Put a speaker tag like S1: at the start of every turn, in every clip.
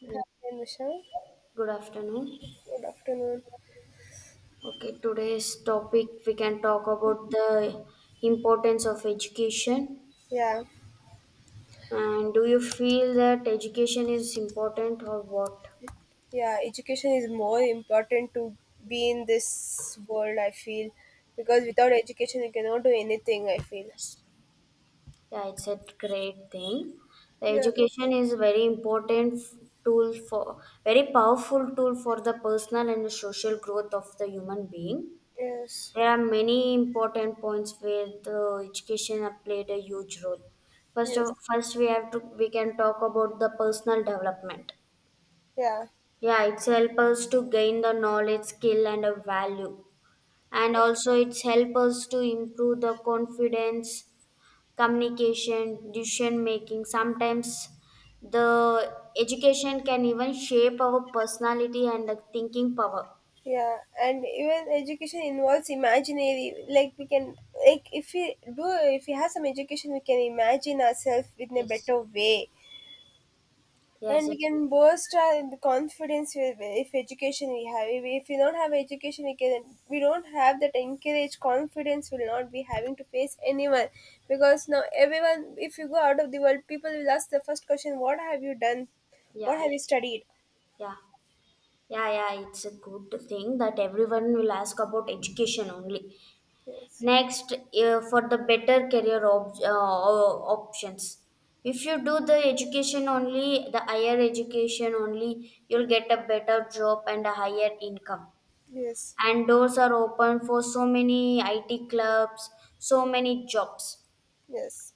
S1: Yeah.
S2: And Michelle.
S1: Good afternoon.
S2: Good afternoon.
S1: Okay, today's topic we can talk about the importance of education.
S2: Yeah,
S1: And do you feel that education is important or what?
S2: yeah, education is more important to be in this world, I feel, because without education, you cannot do anything, I feel.
S1: Yeah, it's a great thing. The
S2: Yeah,
S1: education is very important tool for very powerful tool for the personal and the social growth of the human being.
S2: yes,
S1: There are many important points where the education have played a huge role. First
S2: yes,
S1: of first we have to we can talk about the personal development.
S2: yeah,
S1: Yeah, it's help us to gain the knowledge, skill and a value. And
S2: yeah,
S1: also it's help us to improve the confidence, communication, decision making. Sometimes the education can even shape our personality and the thinking power.
S2: yeah. And even education involves imaginary, like we can, like if we do, if we have some education, we can imagine ourselves in a
S1: Yes.
S2: better way. And
S1: Yes,
S2: we
S1: it's
S2: can boast our confidence with if education we have if we don't have education we don't have that encourage confidence will not be having to face anyone, because now everyone, if you go out of the world, people will ask the first question, what have you done,
S1: yeah,
S2: what have you studied.
S1: yeah. Yeah, yeah, it's a good thing that everyone will ask about education only.
S2: yes
S1: Next, for the better career options. If you do the education only, the higher education only, you'll get a better job and a higher income.
S2: yes
S1: And doors are open for so many IT clubs, so many jobs.
S2: yes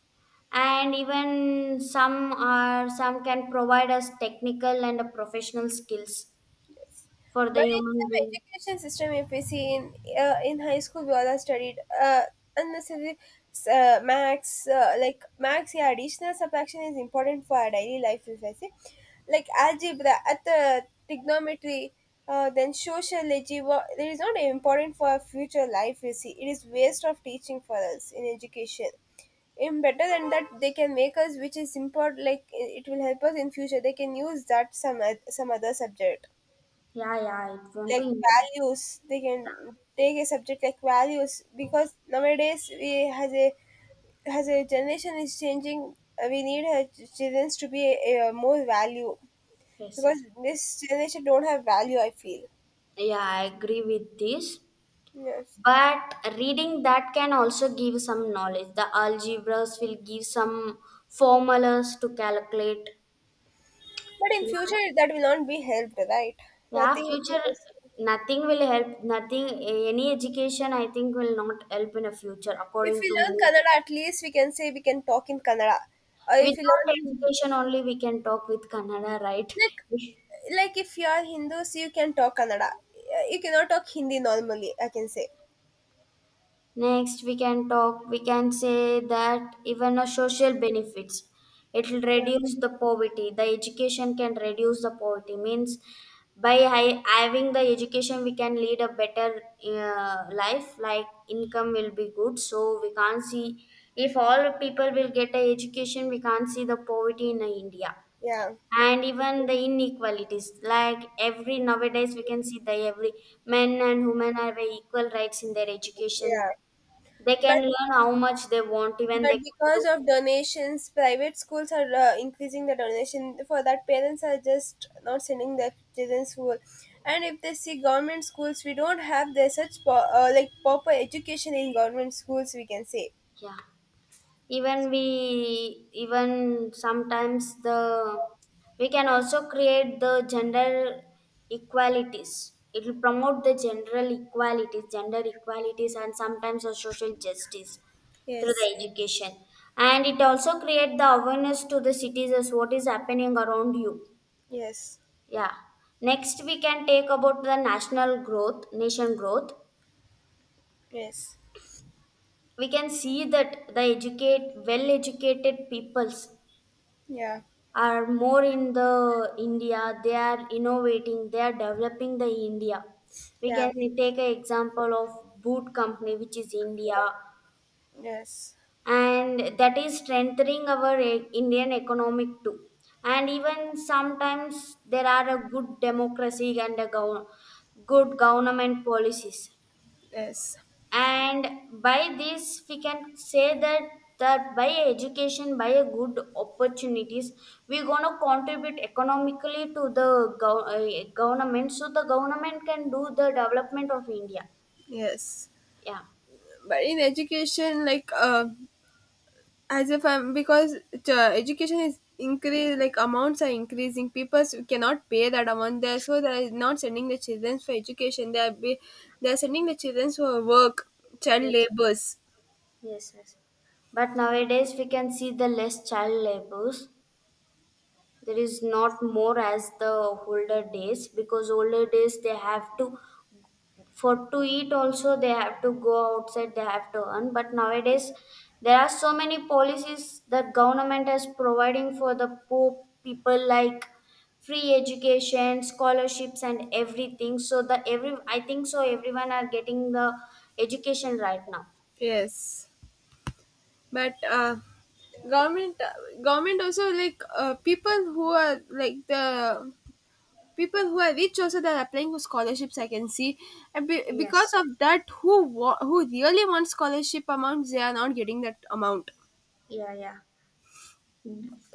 S1: And even some can provide us technical and professional skills
S2: Yes.
S1: for the
S2: But in
S1: human
S2: some
S1: being.
S2: education system, if we see in high school, we all are studied uh, unnecessary, max, Yeah, additional subtraction is important for our daily life. If I say, like algebra, at the trigonometry, then sociology. Well, it is not important for our future life. You see, it is waste of teaching for us in education. In better than that, they can make us, which is important. Like it will help us in future. They can use that some other subject,
S1: Yeah, yeah, it won't
S2: like
S1: be
S2: values. They can take a subject like values, because nowadays we has a has a generation is changing. We need children to be a more value,
S1: yes,
S2: because
S1: yes.
S2: this generation don't have value, I feel.
S1: Yeah, I agree with this.
S2: Yes,
S1: But reading that can also give some knowledge. The algebras will give some formulas to calculate.
S2: but in future
S1: Yeah,
S2: that will not be helped, right?
S1: yeah,
S2: Nothing will be
S1: future
S2: useful.
S1: nothing will help. Nothing, any education I think will not help in the future,
S2: If
S1: according
S2: we
S1: to
S2: learn
S1: me.
S2: Kannada, at least we can say we can talk in Kannada, or if you
S1: Without
S2: learn Hindi.
S1: education only we can talk with Kannada, right?
S2: like like if you are Hindus, you can talk Kannada. You cannot talk Hindi normally, I can say.
S1: Next, we can say that even a social benefits, it will reduce the poverty. The education can reduce the poverty. Means by having the education, we can lead a better life, like income will be good. So we can't see, if all people will get a education, we can't see the poverty in India.
S2: Yeah,
S1: And even the inequalities, like every nowadays we can see the every men and women have a equal rights in their education,
S2: yeah.
S1: they
S2: But
S1: can learn how much they want, even
S2: but
S1: they can
S2: because
S1: do.
S2: of donations, private schools are increasing the donation for that. Parents are just not sending their children school, and if they see government schools, we don't have the such like proper education in government schools, we can say.
S1: Yeah, even sometimes the we can also create the gender equalities. It will promote the general equalities, gender equalities, and sometimes the social justice through the
S2: yes,
S1: education. And it also create the awareness to the citizens what is happening around you.
S2: yes,
S1: Yeah. Next, we can take about the national growth, nation growth.
S2: yes,
S1: We can see that the educate, well educated peoples
S2: yeah,
S1: are more in the India. They are innovating, they are developing the India. We
S2: yeah,
S1: can take an example of boot company, which is India,
S2: yes,
S1: and that is strengthening our Indian economic too. And even sometimes there are a good democracy and a good government policies.
S2: yes,
S1: And by this we can say that that by education, by a good opportunities, we're going to contribute economically to the government, so the government can do the development of India.
S2: yes.
S1: Yeah.
S2: But in education, as if I'm, because the education is increase, like amounts are increasing. People cannot pay that amount there, so they are not sending the children for education. They are sending the children for work, child
S1: Yes,
S2: labors.
S1: yes, yes. But nowadays we can see the less child labors. There is not more as the older days, because older days they have to for to eat also, they have to go outside, they have to earn. But nowadays there are so many policies that government is providing for the poor people, like free education, scholarships, and everything. So the every, I think so, everyone are getting the education right now.
S2: Yes, but government government also, people who are like the people who are rich also, they are applying for scholarships, I can see. And
S1: Yes.
S2: because of that, who who really wants scholarship amounts, they are not getting that amount.
S1: Yeah, yeah,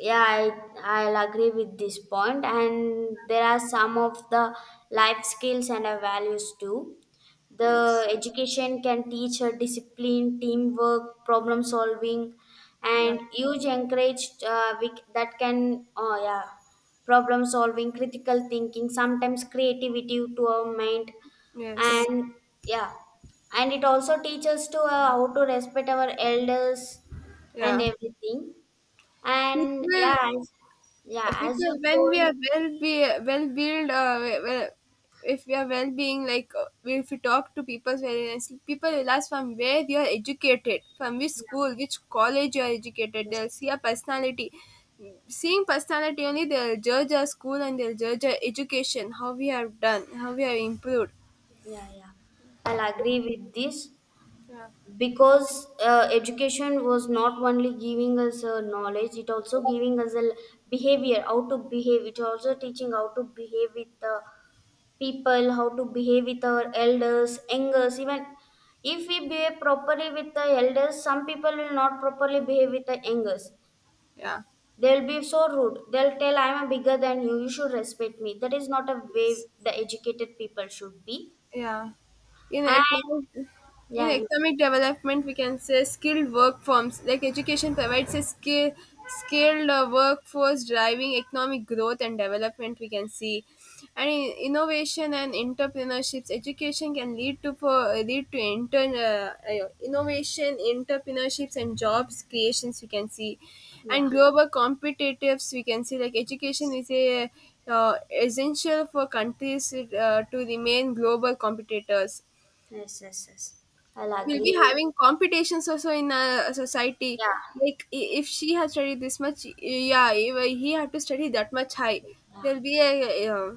S1: yeah, I'll agree with this point. And there are some of the life skills and values too. The
S2: yes
S1: education can teach her discipline, teamwork, problem solving,
S2: Yeah.
S1: and huge encourage that can. Oh yeah, problem solving, critical thinking, sometimes creativity to our mind.
S2: Yes.
S1: And yeah, and it also teaches to how to respect our elders and
S2: Yeah.
S1: everything.
S2: It
S1: And
S2: will,
S1: yeah, as
S2: because
S1: you
S2: when we
S1: told,
S2: are well be well built, well, if we are well being, like, if we talk to people very nicely, people will ask from where you are educated, from which school, which college you are educated. They'll
S1: yes,
S2: see a personality. Seeing personality only, they'll judge our school and they'll judge our education, how we have done, how we have improved.
S1: yeah, yeah, I'll agree with this
S2: Yeah.
S1: because education was not only giving us knowledge, it also giving us a behavior, how to behave. It also teaching how to behave with the people, how to behave with our elders, elders. Even if we behave properly with the elders, some people will not properly behave with the elders.
S2: Yeah.
S1: They'll be so rude. They'll tell I'm bigger than you. You should respect me. That is not a way the educated people should be.
S2: Yeah. In
S1: And
S2: economic, in
S1: yeah, you,
S2: economic development we can say skilled work forms, like education provides a skilled workforce driving economic growth and development we can see. And in innovation and entrepreneurships, education can lead to intern innovation, entrepreneurships and jobs creations, we can see.
S1: yeah,
S2: And global competitives, we can see, like education is a, uh, essential for countries to remain global competitors.
S1: yes, yes, yes. I'll
S2: We'll be
S1: agree with
S2: having competitions also in a society,
S1: yeah,
S2: like, if she has studied this much, yeah, if he had to study that much high,
S1: yeah,
S2: there'll be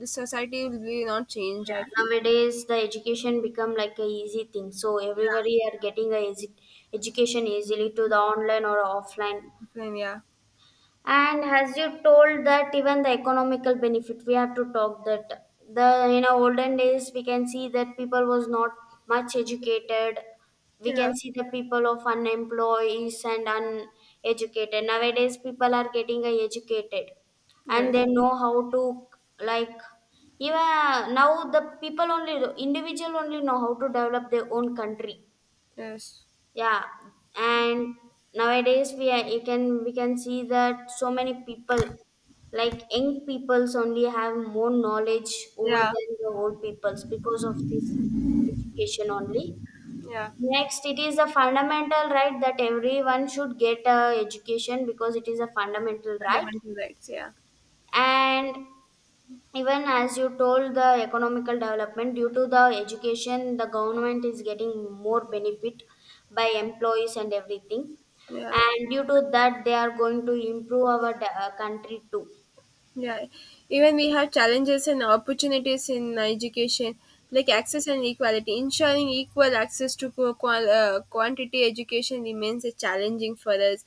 S2: the society will be not changed, I
S1: yeah.
S2: feel.
S1: Nowadays the education become like a easy thing. So everybody are getting a easy education easily to the online or offline.
S2: Then yeah
S1: And as you told that even the economical benefit, we have to talk that the in our olden days we can see that people was not much educated. We
S2: yeah
S1: can see the people of unemployees and uneducated. Nowadays people are getting educated, and
S2: yes
S1: they know how to, like, even now the people only, individual only, know how to develop their own country.
S2: yes
S1: Yeah. And nowadays we are, you can, we can see that so many people, like young peoples only have more knowledge over
S2: yeah
S1: than the old peoples because of this education only.
S2: yeah
S1: Next, it is a fundamental right that everyone should get a education because it is a fundamental right.
S2: Fundamental rights, yeah,
S1: And even as you told, the economical development due to the education, the government is getting more benefit by employees and everything.
S2: yeah.
S1: And due to that they are going to improve our country too.
S2: Yeah, even we have challenges and opportunities in education, like
S1: Yeah.
S2: access and equality. Ensuring equal access to quantity education remains a challenging for us.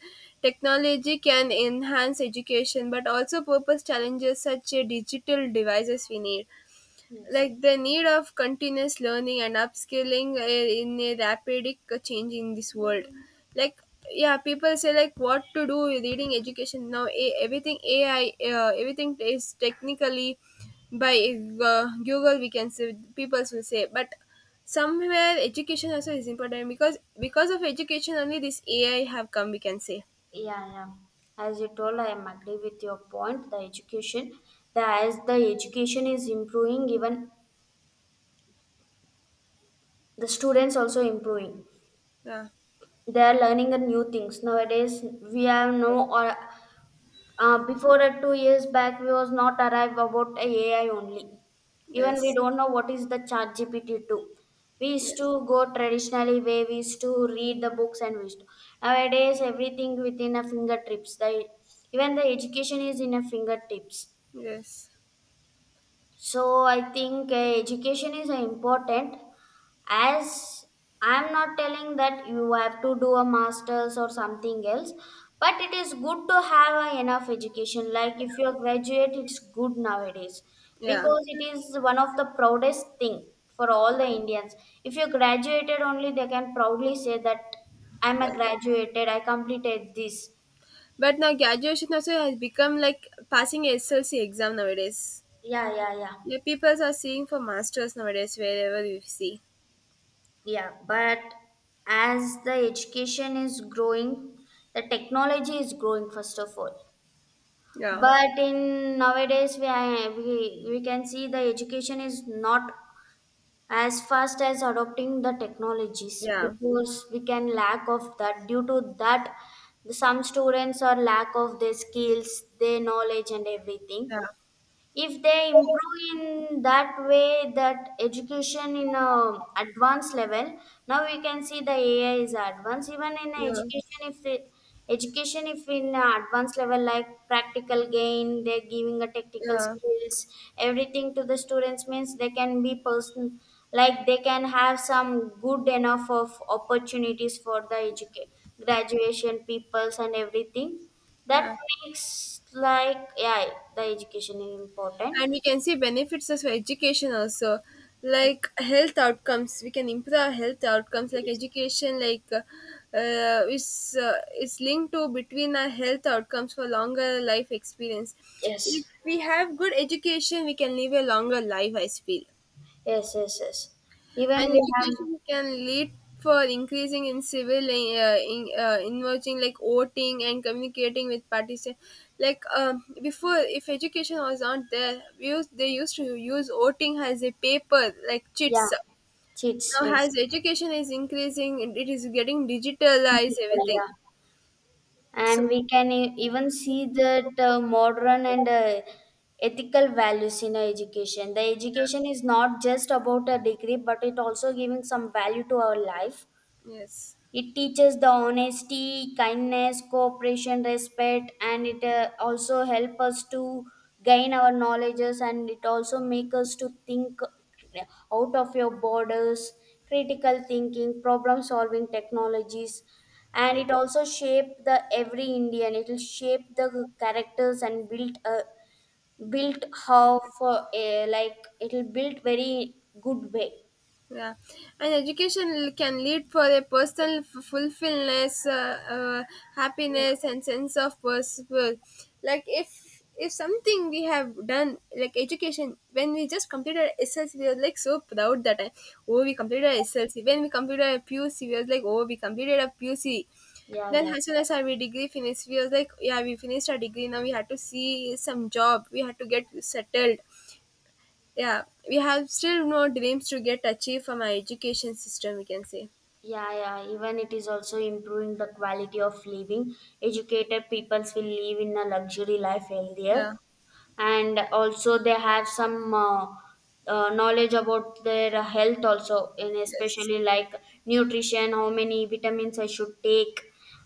S2: Technology can enhance education, but also purpose challenges such as digital devices we need,
S1: Yes.
S2: like the need of continuous learning and upskilling in a rapid change in this world. Like, yeah, people say, like, what to do with reading education now, everything AI, everything is technically by, Google, we can say, people will say. But somewhere education also is important, because of education only, this AI have come, we can say.
S1: Yeah, yeah, as you told, I am agree with your point. The education, the as the education is improving, even the students also improving.
S2: yeah
S1: They are learning the new things nowadays. We have no or before, at two years back, we was not arrived about a ai only. Even we
S2: yes
S1: don't know what is the chat gpt 2. We used
S2: yes
S1: to go traditionally way. We used to read the books, and we used to nowadays everything within a fingertips, the even the education is in a fingertips.
S2: yes
S1: So I think education is important. As I'm not telling that you have to do a master's or something else, but it is good to have enough education. Like if you're graduate, it's good nowadays,
S2: yeah
S1: because it is one of the proudest thing for all the Indians. If you graduated only, they can proudly say that I'm
S2: yeah
S1: a graduated, I completed this.
S2: But now graduation also has become like passing a SLC exam nowadays.
S1: Yeah, yeah, yeah.
S2: Yeah, people are seeing for masters nowadays wherever you see.
S1: Yeah, but as the education is growing, the technology is growing first of all.
S2: Yeah,
S1: But in nowadays, we, are- we can see the education is not as fast as adopting the technologies
S2: yeah,
S1: because we can lack of that. Due to that, some students are lack of their skills, their knowledge, and everything.
S2: yeah,
S1: If they improve in that way, that education in a advanced level, now we can see the ai is advanced even in
S2: yeah,
S1: education. If it education if in a advanced level, like practical gain, they're giving a technical
S2: yeah,
S1: skills, everything to the students, means they can be person, like they can have some good enough of opportunities for the education, graduation peoples, and everything.
S2: yeah.
S1: That makes like, yeah, the education is important.
S2: And we can see benefits as for education also, like health outcomes. We can improve our health outcomes, like
S1: Yes,
S2: education, uh, is uh, is linked to between our health outcomes for longer life experience. If
S1: yes,
S2: we have good education, we can live a longer life, I feel.
S1: yes, yes, yes. Even
S2: And
S1: we have
S2: education can lead for increasing in civil, in, involving like voting and communicating with participants, like, before if education was not there, they used to use voting as a paper like
S1: yeah,
S2: chits.
S1: cheats,
S2: Now
S1: yes,
S2: as education is increasing, it is getting digitalized everything,
S1: yeah, and
S2: so.
S1: we can even see that modern and ethical values in our education. The education is not just about a degree, but it also giving some value to our life.
S2: yes
S1: It teaches the honesty, kindness, cooperation, respect, and it also help us to gain our knowledges. And it also make us to think out of your borders, critical thinking, problem solving, technologies. And it also shape the every Indian, it will shape the characters and build a built how for a like it will build very good way.
S2: Yeah, and education can lead for a personal fulfillness, happiness, and sense of purpose. Like if something we have done, like education, when we just completed SLC, we were like so proud that, oh we completed SLC. When we completed a PUC, we were like, oh we completed a PUC.
S1: Yeah,
S2: Then
S1: yeah.
S2: as soon as our degree finished, we was like, yeah, we finished our degree. Now we had to see some job. We had to get settled. Yeah, we have still no dreams to get achieved from our education system, we can say.
S1: Yeah, yeah. Even it is also improving the quality of living. Educated peoples will live in a luxury life, healthier,
S2: yeah
S1: and also they have some knowledge about their health also, in
S2: yes
S1: especially like nutrition, how many vitamins I should take.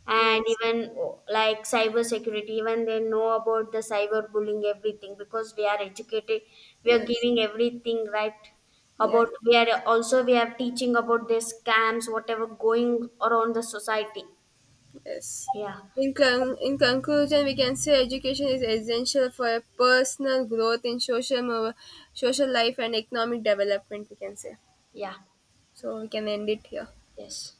S1: And
S2: yes
S1: even oh, like cyber security, even they know about the cyber bullying, everything, because we are educated, we are
S2: yes
S1: giving everything, right, about
S2: yes
S1: we are also, we are teaching about the scams whatever going around the society.
S2: yes
S1: Yeah,
S2: in, in conclusion we can say education is essential for personal growth in social social life and economic development, we can say.
S1: yeah,
S2: So we can end it here.
S1: yes.